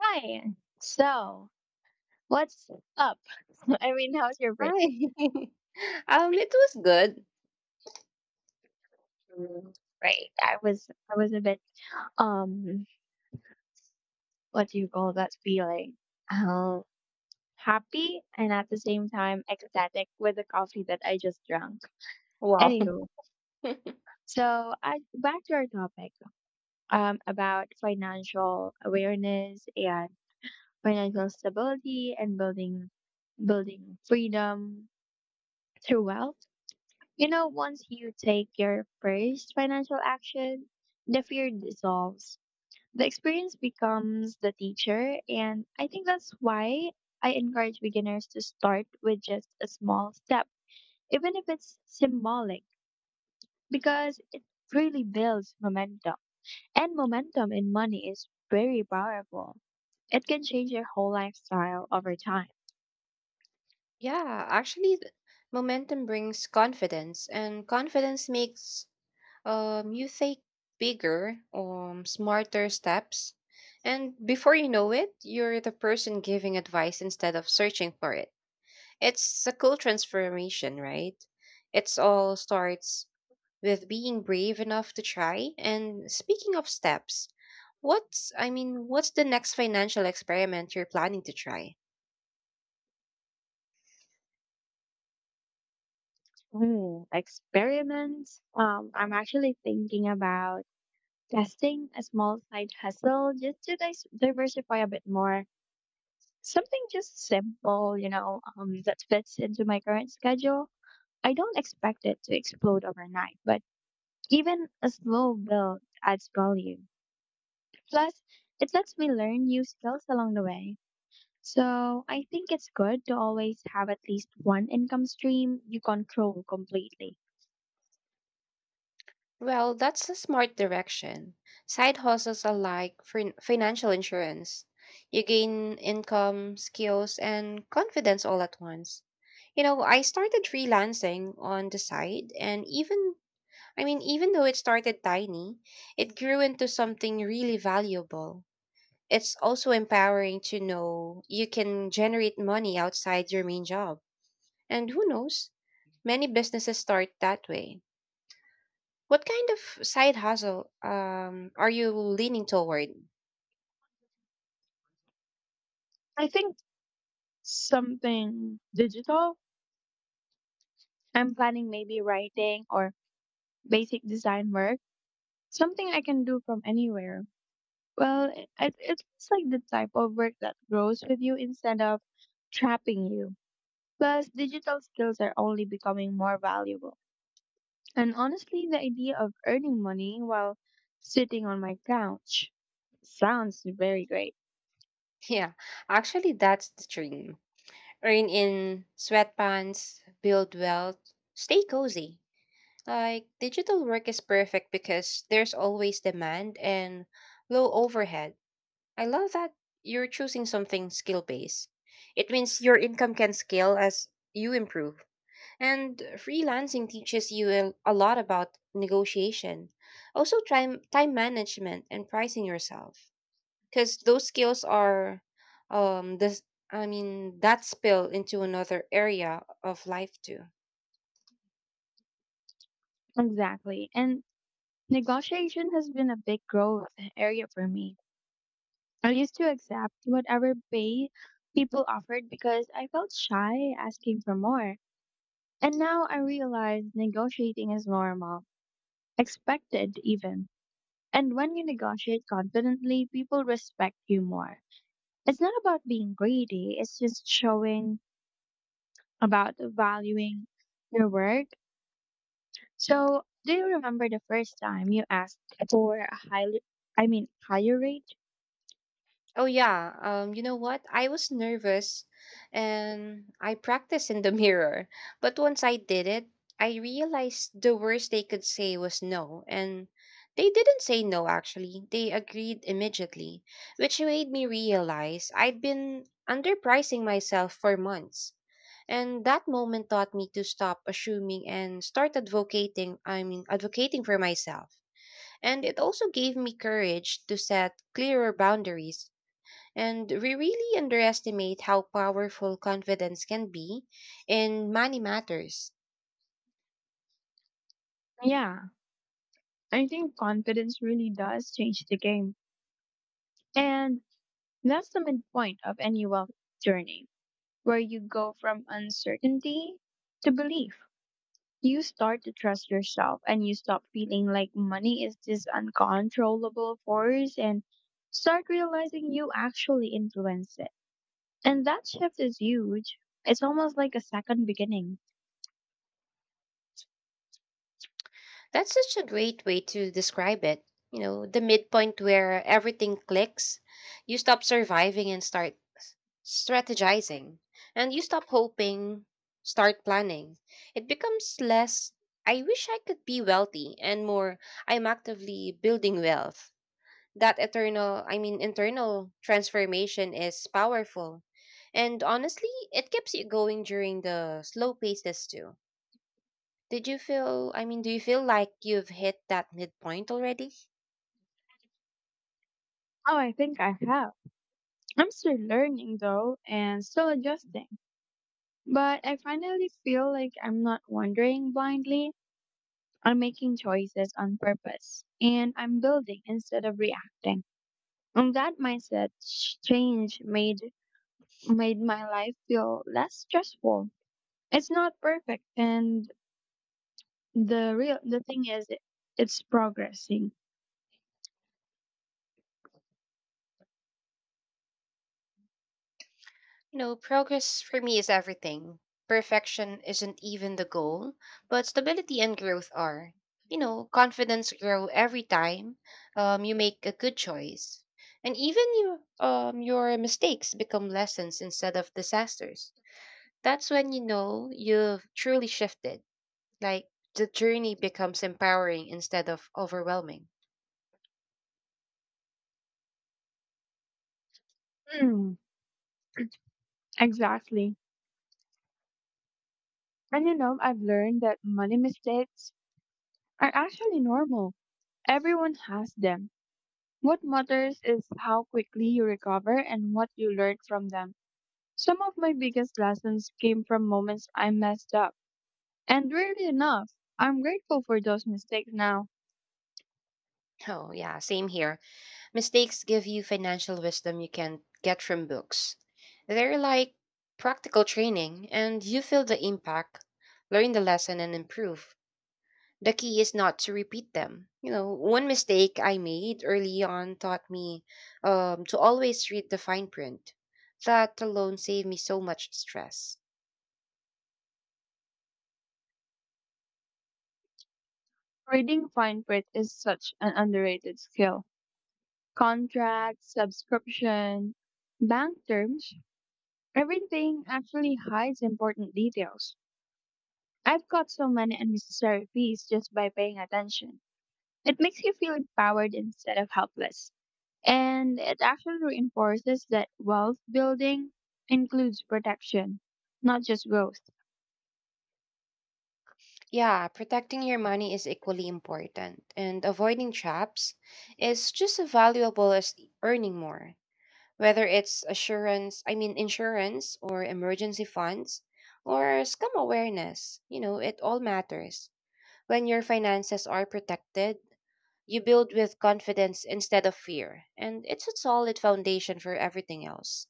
Hi. So, what's up? I mean, how's your break? Hi. It was good. Mm, great. I was a bit um what do you call that feeling? Um happy and at the same time ecstatic with the coffee that I just drank. Wow. Anywho, so I back to our topic about financial awareness and financial stability and building freedom through wealth. Once you take your first financial action, the fear dissolves. The experience becomes the teacher, and I think that's why I encourage beginners to start with just a small step, even if it's symbolic, because it really builds momentum. And momentum in money is very powerful. It can change your whole lifestyle over time. Yeah, actually, momentum brings confidence, and confidence makes you take bigger, smarter steps, and before you know it, you're the person giving advice instead of searching for it. It's a cool transformation, right? It's all starts with being brave enough to try. And speaking of steps, what's the next financial experiment you're planning to try? Hmm, experiments. I'm actually thinking about testing a small side hustle just to diversify a bit more. Something just simple, that fits into my current schedule. I don't expect it to explode overnight, but even a slow build adds value. Plus, it lets me learn new skills along the way. So I think it's good to always have at least one income stream you control completely. Well, that's a smart direction. Side hustles are like financial insurance. You gain income, skills, and confidence all at once. You know, I started freelancing on the side, and even though it started tiny, it grew into something really valuable. It's also empowering to know you can generate money outside your main job. And who knows, many businesses start that way. What kind of side hustle are you leaning toward? I think something digital. I'm planning maybe writing or basic design work. Something I can do from anywhere. Well, it's like the type of work that grows with you instead of trapping you. Plus, digital skills are only becoming more valuable. And honestly, the idea of earning money while sitting on my couch sounds very great. Yeah, actually, that's the dream. Earn in sweatpants, build wealth, stay cozy. Like, digital work is perfect because there's always demand and low overhead. I love that you're choosing something skill based. It means your income can scale as you improve. And freelancing teaches you a lot about negotiation, also time management and pricing yourself. Because those skills are, this I mean that spill into another area of life too. Exactly. And negotiation has been a big growth area for me. I used to accept whatever pay people offered because I felt shy asking for more. And now I realize negotiating is normal, expected even. And when you negotiate confidently, people respect you more. It's not about being greedy, it's just showing about valuing your work. So, do you remember the first time you asked for a higher rate? Oh yeah. You know what? I was nervous and I practiced in the mirror. But once I did it, I realized the worst they could say was no. And they didn't say no actually. They agreed immediately, which made me realize I'd been underpricing myself for months. And that moment taught me to stop assuming and start advocating for myself. And it also gave me courage to set clearer boundaries and we really underestimate how powerful confidence can be in money matters. Yeah, I think confidence really does change the game. And that's the midpoint of any wealth journey, where you go from uncertainty to belief. You start to trust yourself and you stop feeling like money is this uncontrollable force and start realizing you actually influence it. And that shift is huge. It's almost like a second beginning. That's such a great way to describe it. You know, the midpoint where everything clicks, you stop surviving and start strategizing, and you stop hoping, start planning. It becomes less, I wish I could be wealthy, and more, I'm actively building wealth. That internal transformation is powerful. And honestly, it keeps you going during the slow paces too. Did you feel, I mean, do you feel like you've hit that midpoint already? Oh, I think I have. I'm still learning though and still adjusting. But I finally feel like I'm not wandering blindly. I'm making choices on purpose and I'm building instead of reacting. And that mindset change made my life feel less stressful. It's not perfect, and the thing is, it's progressing. You know, progress for me is everything. Perfection isn't even the goal, but stability and growth are. You know, confidence grow every time you make a good choice. And even you, your mistakes become lessons instead of disasters. That's when you know you've truly shifted. Like the journey becomes empowering instead of overwhelming. Hmm, exactly. And you know, I've learned that money mistakes are actually normal. Everyone has them. What matters is how quickly you recover and what you learn from them. Some of my biggest lessons came from moments I messed up. And weirdly enough, I'm grateful for those mistakes now. Oh, yeah, same here. Mistakes give you financial wisdom you can get from books. They're like practical training, and you feel the impact, learn the lesson, and improve. The key is not to repeat them. You know, one mistake I made early on taught me to always read the fine print. That alone saved me so much stress. Reading fine print is such an underrated skill. Contract, subscription, bank terms, everything actually hides important details. I've got so many unnecessary fees just by paying attention. It makes you feel empowered instead of helpless. And it actually reinforces that wealth building includes protection, not just growth. Yeah, protecting your money is equally important, and avoiding traps is just as valuable as earning more. Whether it's insurance or emergency funds or scam awareness, you know, it all matters. When your finances are protected, you build with confidence instead of fear, and it's a solid foundation for everything else.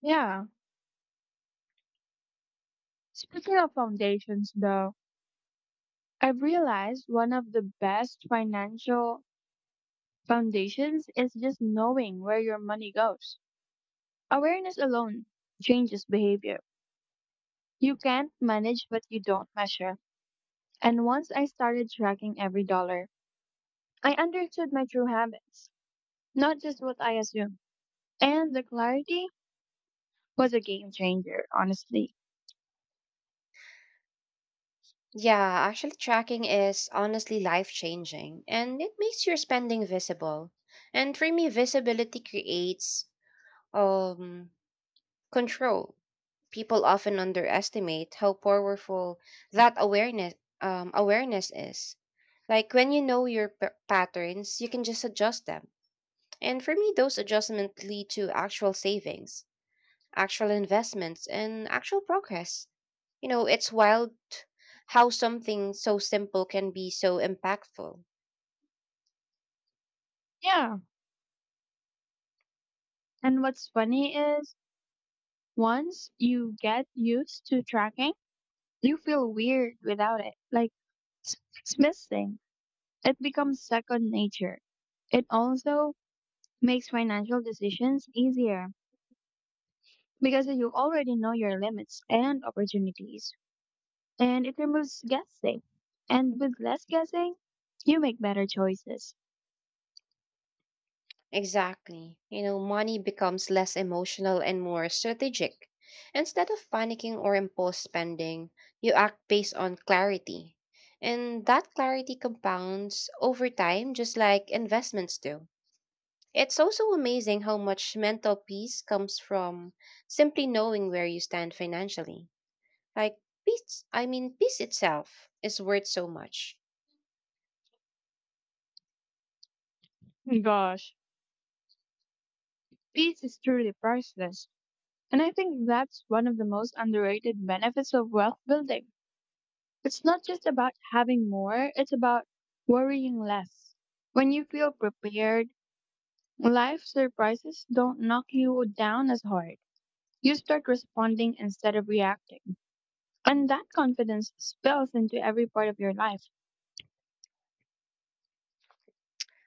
Yeah. Speaking of foundations, though, I've realized one of the best financial foundations is just knowing where your money goes. Awareness alone changes behavior. You can't manage what you don't measure. And once I started tracking every dollar, I understood my true habits, not just what I assumed. And the clarity was a game changer, honestly. Yeah, actually, tracking is honestly life changing and it makes your spending visible. And for me, visibility creates um, control. People often underestimate how powerful that awareness awareness is. Like when you know your patterns, you can just adjust them. And for me, those adjustments lead to actual savings actual investments, and actual progress. You know, it's wild how something so simple can be so impactful. Yeah. And what's funny is once you get used to tracking, you feel weird without it. Like it's missing. It becomes second nature. It also makes financial decisions easier because you already know your limits and opportunities, and it removes guessing. And with less guessing, you make better choices. Exactly. You know, money becomes less emotional and more strategic. Instead of panicking or impulse spending, you act based on clarity. And that clarity compounds over time, just like investments do. It's also amazing how much mental peace comes from simply knowing where you stand financially. Like peace itself is worth so much. Gosh, peace is truly priceless. And I think that's one of the most underrated benefits of wealth building. It's not just about having more, it's about worrying less. When you feel prepared, life surprises don't knock you down as hard. You start responding instead of reacting. And that confidence spills into every part of your life.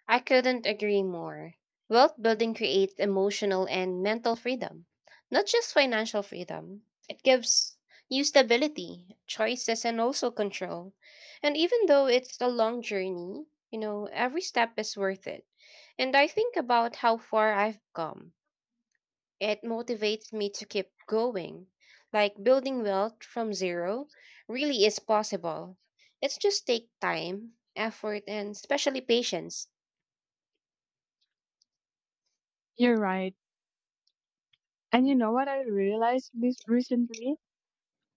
I couldn't agree more. Wealth building creates emotional and mental freedom, not just financial freedom. It gives you stability, choices, and also control. And even though it's a long journey, you know, every step is worth it. And I think about how far I've come. It motivates me to keep going. Like building wealth from zero really is possible. It's just take time, effort, and especially patience. You're right. And you know what I realized this recently?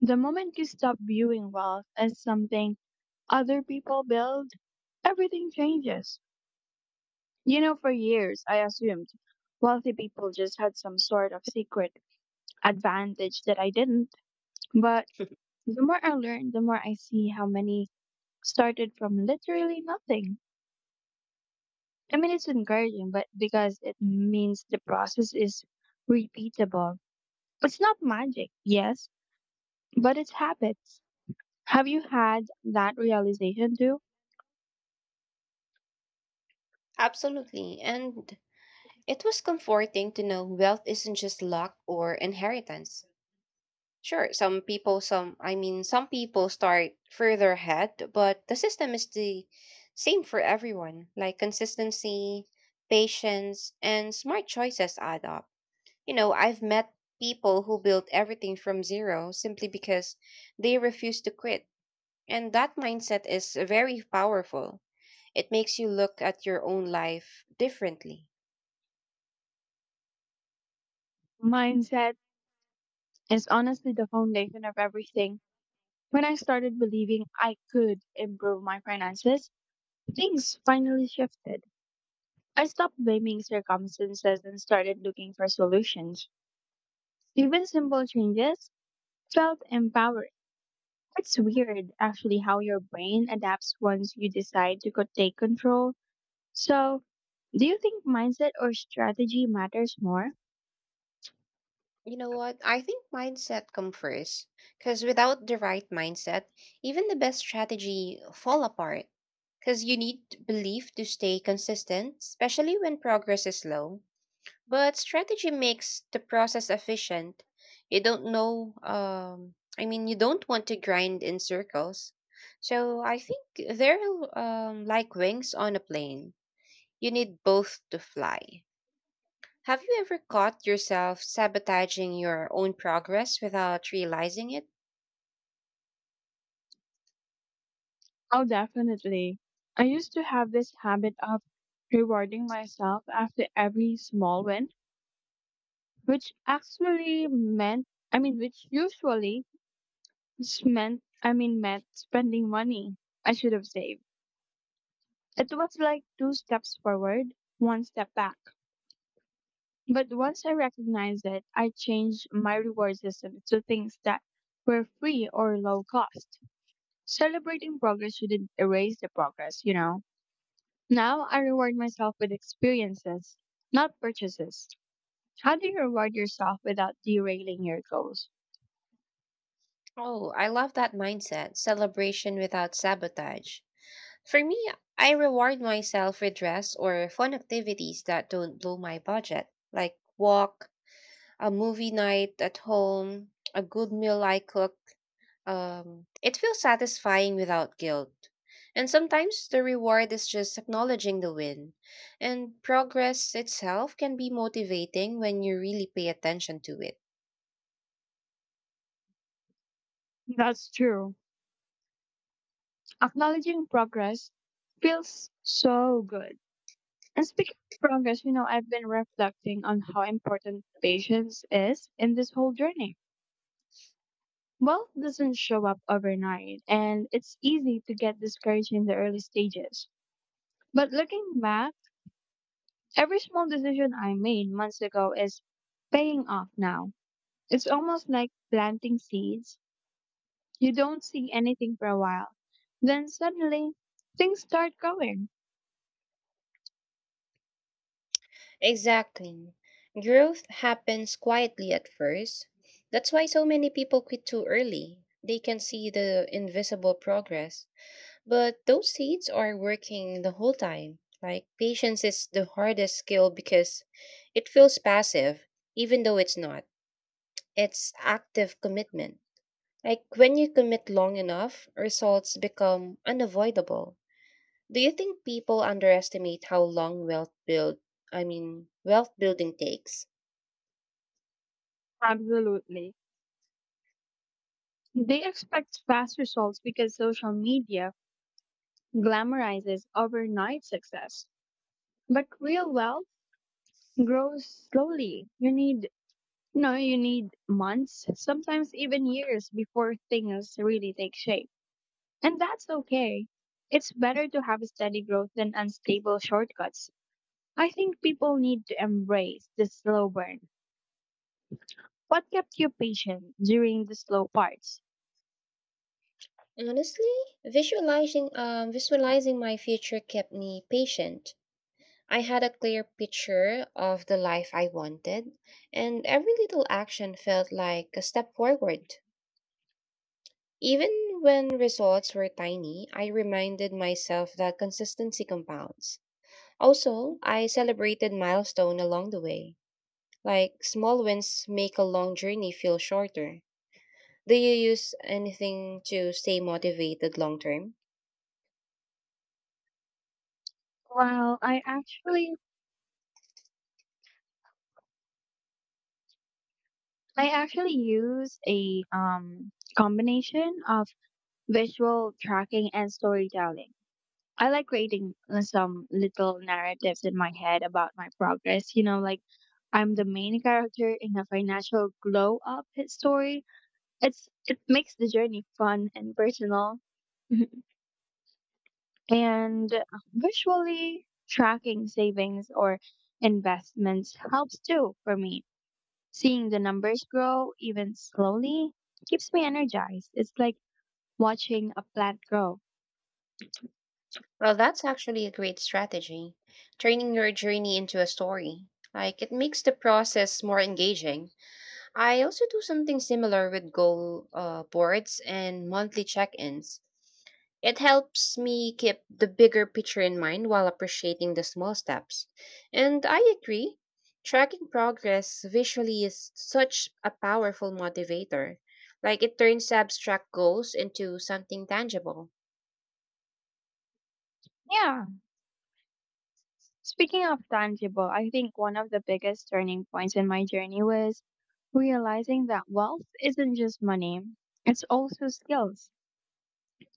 The moment you stop viewing wealth as something other people build, everything changes. You know, for years, I assumed wealthy people just had some sort of secret advantage that I didn't. But the more I learn, the more I see how many started from literally nothing. I mean, it's encouraging, but because it means the process is repeatable. It's not magic, yes, but it's habits. Have you had that realization too? Absolutely. And it was comforting to know wealth isn't just luck or inheritance. Sure, some people, some, I mean, some people start further ahead, but the system is the same for everyone. Like consistency, patience, and smart choices add up. You know, I've met people who built everything from zero simply because they refused to quit. And that mindset is very powerful. It makes you look at your own life differently. Mindset is honestly the foundation of everything. When I started believing I could improve my finances, things finally shifted. I stopped blaming circumstances and started looking for solutions. Even simple changes felt empowering. It's weird, actually, how your brain adapts once you decide to take control. So, do you think mindset or strategy matters more? You know what? I think mindset comes first. Because without the right mindset, even the best strategy fall apart. Because you need belief to stay consistent, especially when progress is slow. But strategy makes the process efficient. You don't know, I mean, you don't want to grind in circles. So I think they're like wings on a plane. You need both to fly. Have you ever caught yourself sabotaging your own progress without realizing it? Oh, definitely. I used to have this habit of rewarding myself after every small win, which actually meant, which usually meant spending money I should have saved. It was like two steps forward, one step back. But once I recognized it, I changed my reward system to things that were free or low cost. Celebrating progress shouldn't erase the progress, you know? Now I reward myself with experiences, not purchases. How do you reward yourself without derailing your goals? Oh, I love that mindset celebration without sabotage. For me, I reward myself with rest or fun activities that don't blow my budget, like walk, a movie night at home, a good meal I cook. It feels satisfying without guilt. And sometimes the reward is just acknowledging the win. And progress itself can be motivating when you really pay attention to it. That's true. Acknowledging progress feels so good. And speaking of progress, you know, I've been reflecting on how important patience is in this whole journey. Wealth doesn't show up overnight, and it's easy to get discouraged in the early stages. But looking back, every small decision I made months ago is paying off now. It's almost like planting seeds. You don't see anything for a while. Then suddenly, things start going. Exactly. Growth happens quietly at first. That's why so many people quit too early. They can see the invisible progress, but those seeds are working the whole time. Like, patience is the hardest skill because it feels passive, even though it's not. It's active commitment. Like when you commit long enough, results become unavoidable. Do you think people underestimate how long wealth building takes? Absolutely. They expect fast results because social media glamorizes overnight success. But real wealth grows slowly. You need, no, you need months, sometimes even years before things really take shape. And that's okay. It's better to have steady growth than unstable shortcuts. I think people need to embrace the slow burn. What kept you patient during the slow parts? Honestly, visualizing my future kept me patient. I had a clear picture of the life I wanted, and every little action felt like a step forward. Even when results were tiny, I reminded myself that consistency compounds. Also, I celebrated milestone along the way. Like small wins make a long journey feel shorter. Do you use anything to stay motivated long term? Well, I actually use a combination of visual tracking and storytelling. I like creating some little narratives in my head about my progress, you know, like I'm the main character in a financial glow up story. It makes the journey fun and personal. Mhm. And visually tracking savings or investments helps too for me. Seeing the numbers grow even slowly keeps me energized. It's like watching a plant grow. Well, that's actually a great strategy. Turning your journey into a story. Like, it makes the process more engaging. I also do something similar with goal boards and monthly check ins. It helps me keep the bigger picture in mind while appreciating the small steps. And I agree, tracking progress visually is such a powerful motivator. Like it turns abstract goals into something tangible. Yeah. Speaking of tangible, I think one of the biggest turning points in my journey was realizing that wealth isn't just money. It's also skills.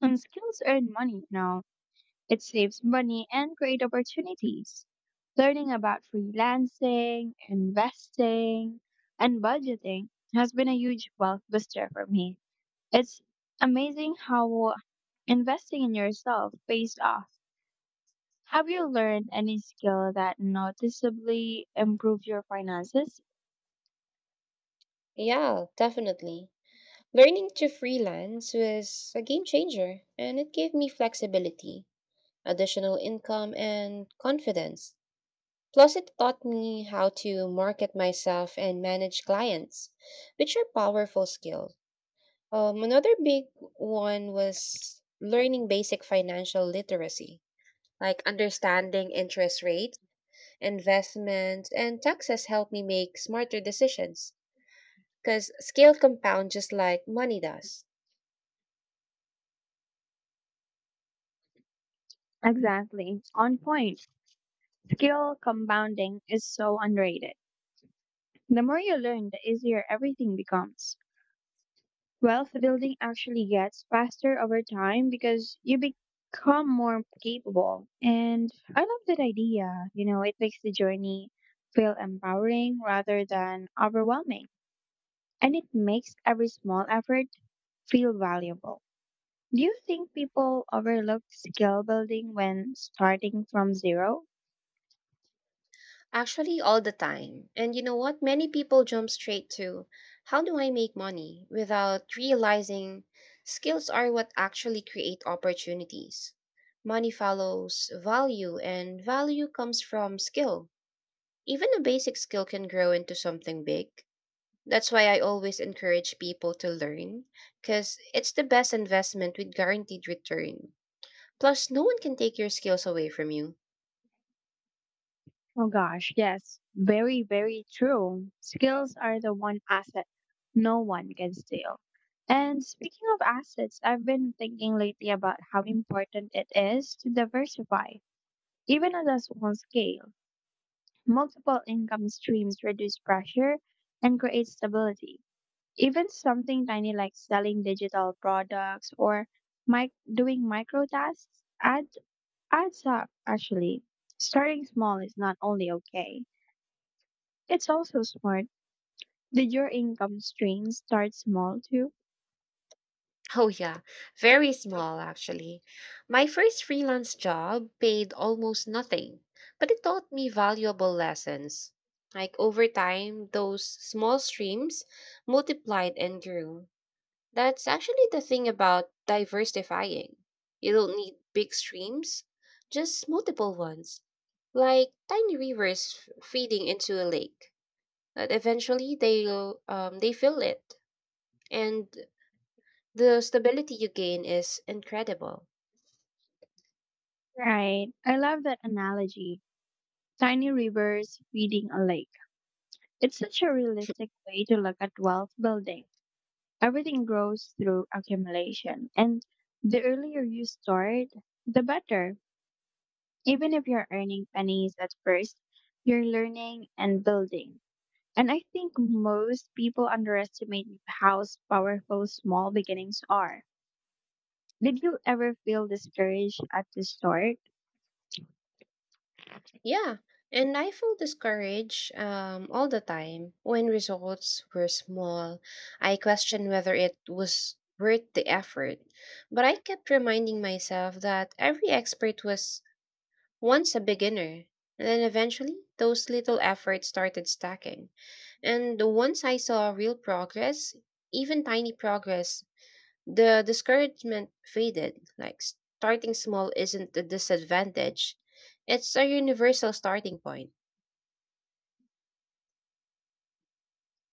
And skills earn money now. It saves money and create opportunities. Learning about freelancing, investing, and budgeting has been a huge wealth booster for me. It's amazing how investing in yourself pays off. Have you learned any skill that noticeably improved your finances? Yeah, definitely. Learning to freelance was a game changer, and it gave me flexibility, additional income, and confidence. Plus, it taught me how to market myself and manage clients, which are powerful skill. Another big one was learning basic financial literacy, like understanding interest rates, investments, and taxes helped me make smarter decisions because skill compound just like money does. Exactly. On point. Skill compounding is so underrated. The more you learn, the easier everything becomes. Wealth building actually gets faster over time because you become more capable. And I love that idea. You know, it makes the journey feel empowering rather than overwhelming. And it makes every small effort feel valuable. Do you think people overlook skill building when starting from zero? Actually, all the time. And you know what? Many people jump straight to how do I make money without realizing skills are what actually create opportunities. Money follows value, and value comes from skill. Even a basic skill can grow into something big. That's why I always encourage people to learn because it's the best investment with guaranteed return. Plus, no one can take your skills away from you. Oh gosh, yes, very, very true. Skills are the one asset no one can steal. And speaking of assets, I've been thinking lately about how important it is to diversify, even at a small scale. Multiple income streams reduce pressure and create stability. Even something tiny like selling digital products or doing micro tasks adds up, actually. Starting small is not only okay. It's also smart. Did your income stream start small too? Oh, yeah, very small actually. My first freelance job paid almost nothing, but it taught me valuable lessons. Like over time, those small streams multiplied and grew. That's actually the thing about diversifying. You don't need big streams, just multiple ones, like tiny rivers feeding into a lake. But eventually, they fill it, and the stability you gain is incredible. Right. I love that analogy. Tiny rivers feeding a lake. It's such a realistic way to look at wealth building. Everything grows through accumulation. And the earlier you start, the better. Even if you're earning pennies at first, you're learning and building. And I think most people underestimate how powerful small beginnings are. Did you ever feel discouraged at the start? Yeah, and I felt discouraged all the time when results were small. I questioned whether it was worth the effort, but I kept reminding myself that every expert was once a beginner. And then eventually, those little efforts started stacking. And once I saw real progress, even tiny progress, the discouragement faded. Like starting small isn't a disadvantage, it's a universal starting point.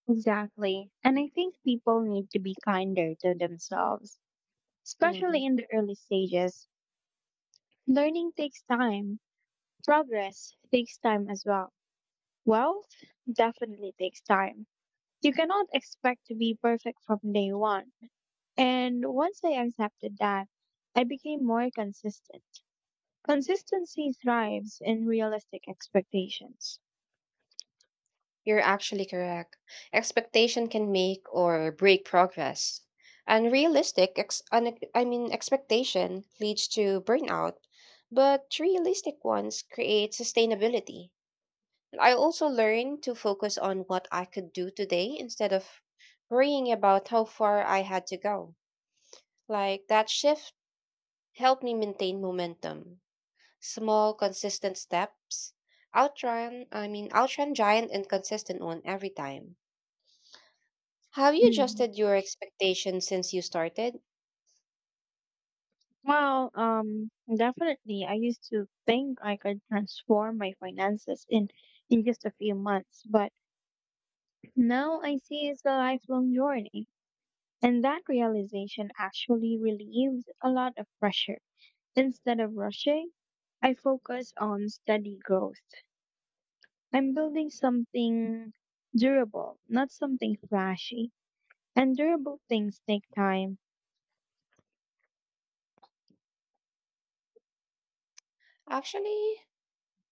Exactly. And I think people need to be kinder to themselves, Hmm. especially in the early stages. Learning takes time, progress takes time as well. Wealth definitely takes time. You cannot expect to be perfect from day one. And once I accepted that, I became more consistent. Consistency thrives in realistic expectations. You're actually correct. Expectation can make or break progress. Unrealistic, ex- un- I mean, expectation leads to burnout, but realistic ones create sustainability. I also learned to focus on what I could do today instead of worrying about how far I had to go. Like that shift help me maintain momentum. Small, consistent steps outrun giant and consistent one every time. Have you Mm. adjusted your expectations since you started? Well, definitely. I used to think I could transform my finances in just a few months, but now I see it's a lifelong journey. And that realization actually relieves a lot of pressure. Instead of rushing, I focus on steady growth. I'm building something durable, not something flashy. And durable things take time. Actually,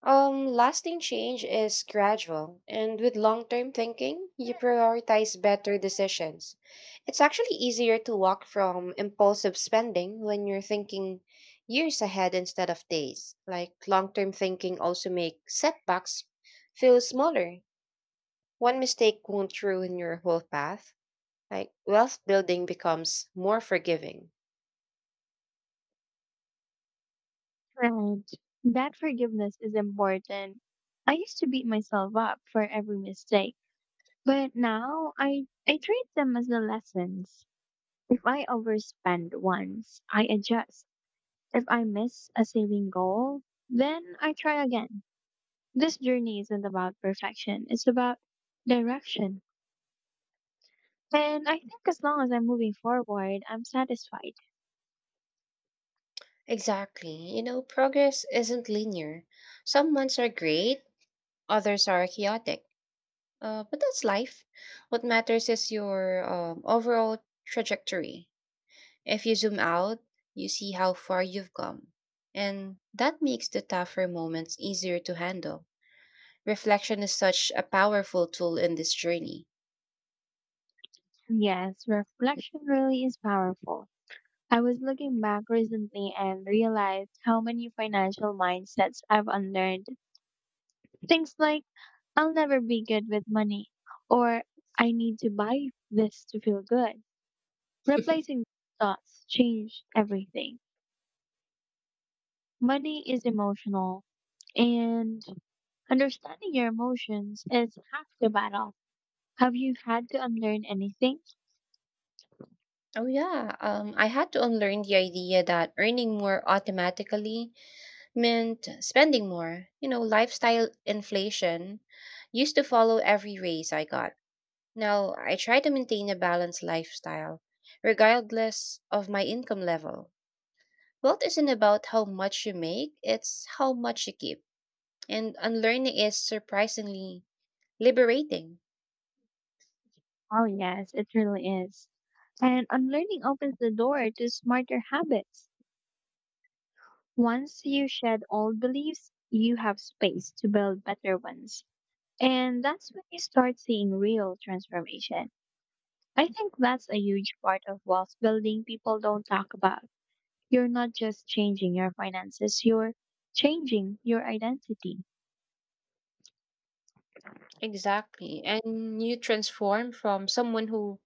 Lasting change is gradual, and with long term thinking, you prioritize better decisions. It's actually easier to walk from impulsive spending when you're thinking years ahead instead of days. Like long term thinking also makes setbacks feel smaller. One mistake won't ruin your whole path. Like wealth building becomes more forgiving. Right. That forgiveness is important. I used to beat myself up for every mistake, but now I treat them as the lessons. If I overspend once, I adjust. If I miss a saving goal, then I try again. This journey isn't about perfection, it's about direction. And I think as long as I'm moving forward, I'm satisfied. Exactly. You know, progress isn't linear. Some months are great, others are chaotic. But that's life. What matters is your overall trajectory. If you zoom out, you see how far you've come. And that makes the tougher moments easier to handle. Reflection is such a powerful tool in this journey. Yes, reflection really is powerful. I was looking back recently and realized how many financial mindsets I've unlearned. Things like, I'll never be good with money, or I need to buy this to feel good. Replacing thoughts changed everything. Money is emotional, and understanding your emotions is half the battle. Have you had to unlearn anything? Oh yeah, I had to unlearn the idea that earning more automatically meant spending more. You know, lifestyle inflation used to follow every raise I got. Now, I try to maintain a balanced lifestyle, regardless of my income level. Wealth isn't about how much you make, it's how much you keep. And unlearning is surprisingly liberating. Oh, yes, it really is. And unlearning opens the door to smarter habits. Once you shed old beliefs, you have space to build better ones. And that's when you start seeing real transformation. I think that's a huge part of wealth building people don't talk about. You're not just changing your finances, you're changing your identity. Exactly. And you transform from someone who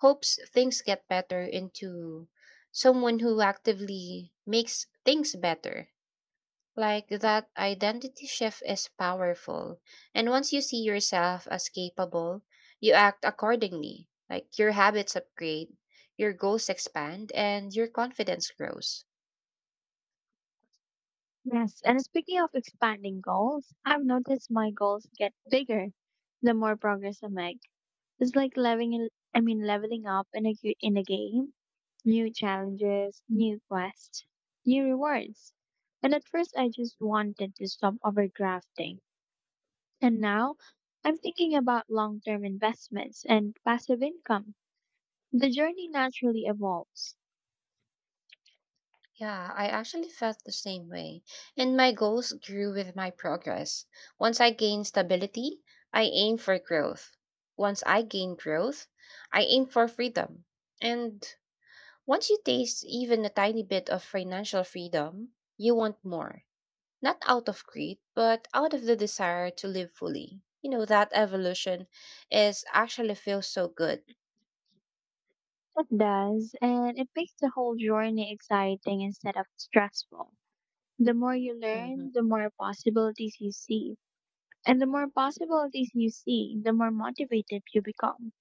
hopes things get better into someone who actively makes things better. Like that identity shift is powerful. And once you see yourself as capable, you act accordingly. Like your habits upgrade, your goals expand, and your confidence grows. Yes, and speaking of expanding goals, I've noticed my goals get bigger the more progress I make. It's like leveling up in a game. New challenges, new quests, new rewards. And at first, I just wanted to stop overdrafting. And now, I'm thinking about long-term investments and passive income. The journey naturally evolves. Yeah, I actually felt the same way. And my goals grew with my progress. Once I gained stability, I aim for growth. Once I gain growth, I aim for freedom. And once you taste even a tiny bit of financial freedom, you want more. Not out of greed, but out of the desire to live fully. You know, that evolution is actually feels so good. It does, and it makes the whole journey exciting instead of stressful. The more you learn, Hmm. the more possibilities you see. And the more possibilities you see, the more motivated you become.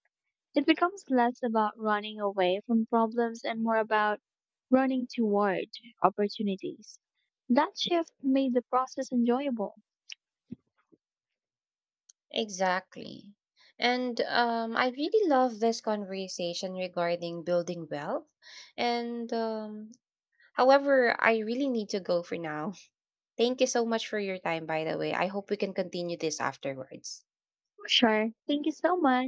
It becomes less about running away from problems and more about running toward opportunities. That shift made the process enjoyable. Exactly. And I really love this conversation regarding building wealth. And however, I really need to go for now. Thank you so much for your time, by the way. I hope we can continue this afterwards. Sure. Thank you so much.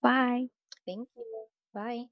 Bye. Thank you. Bye.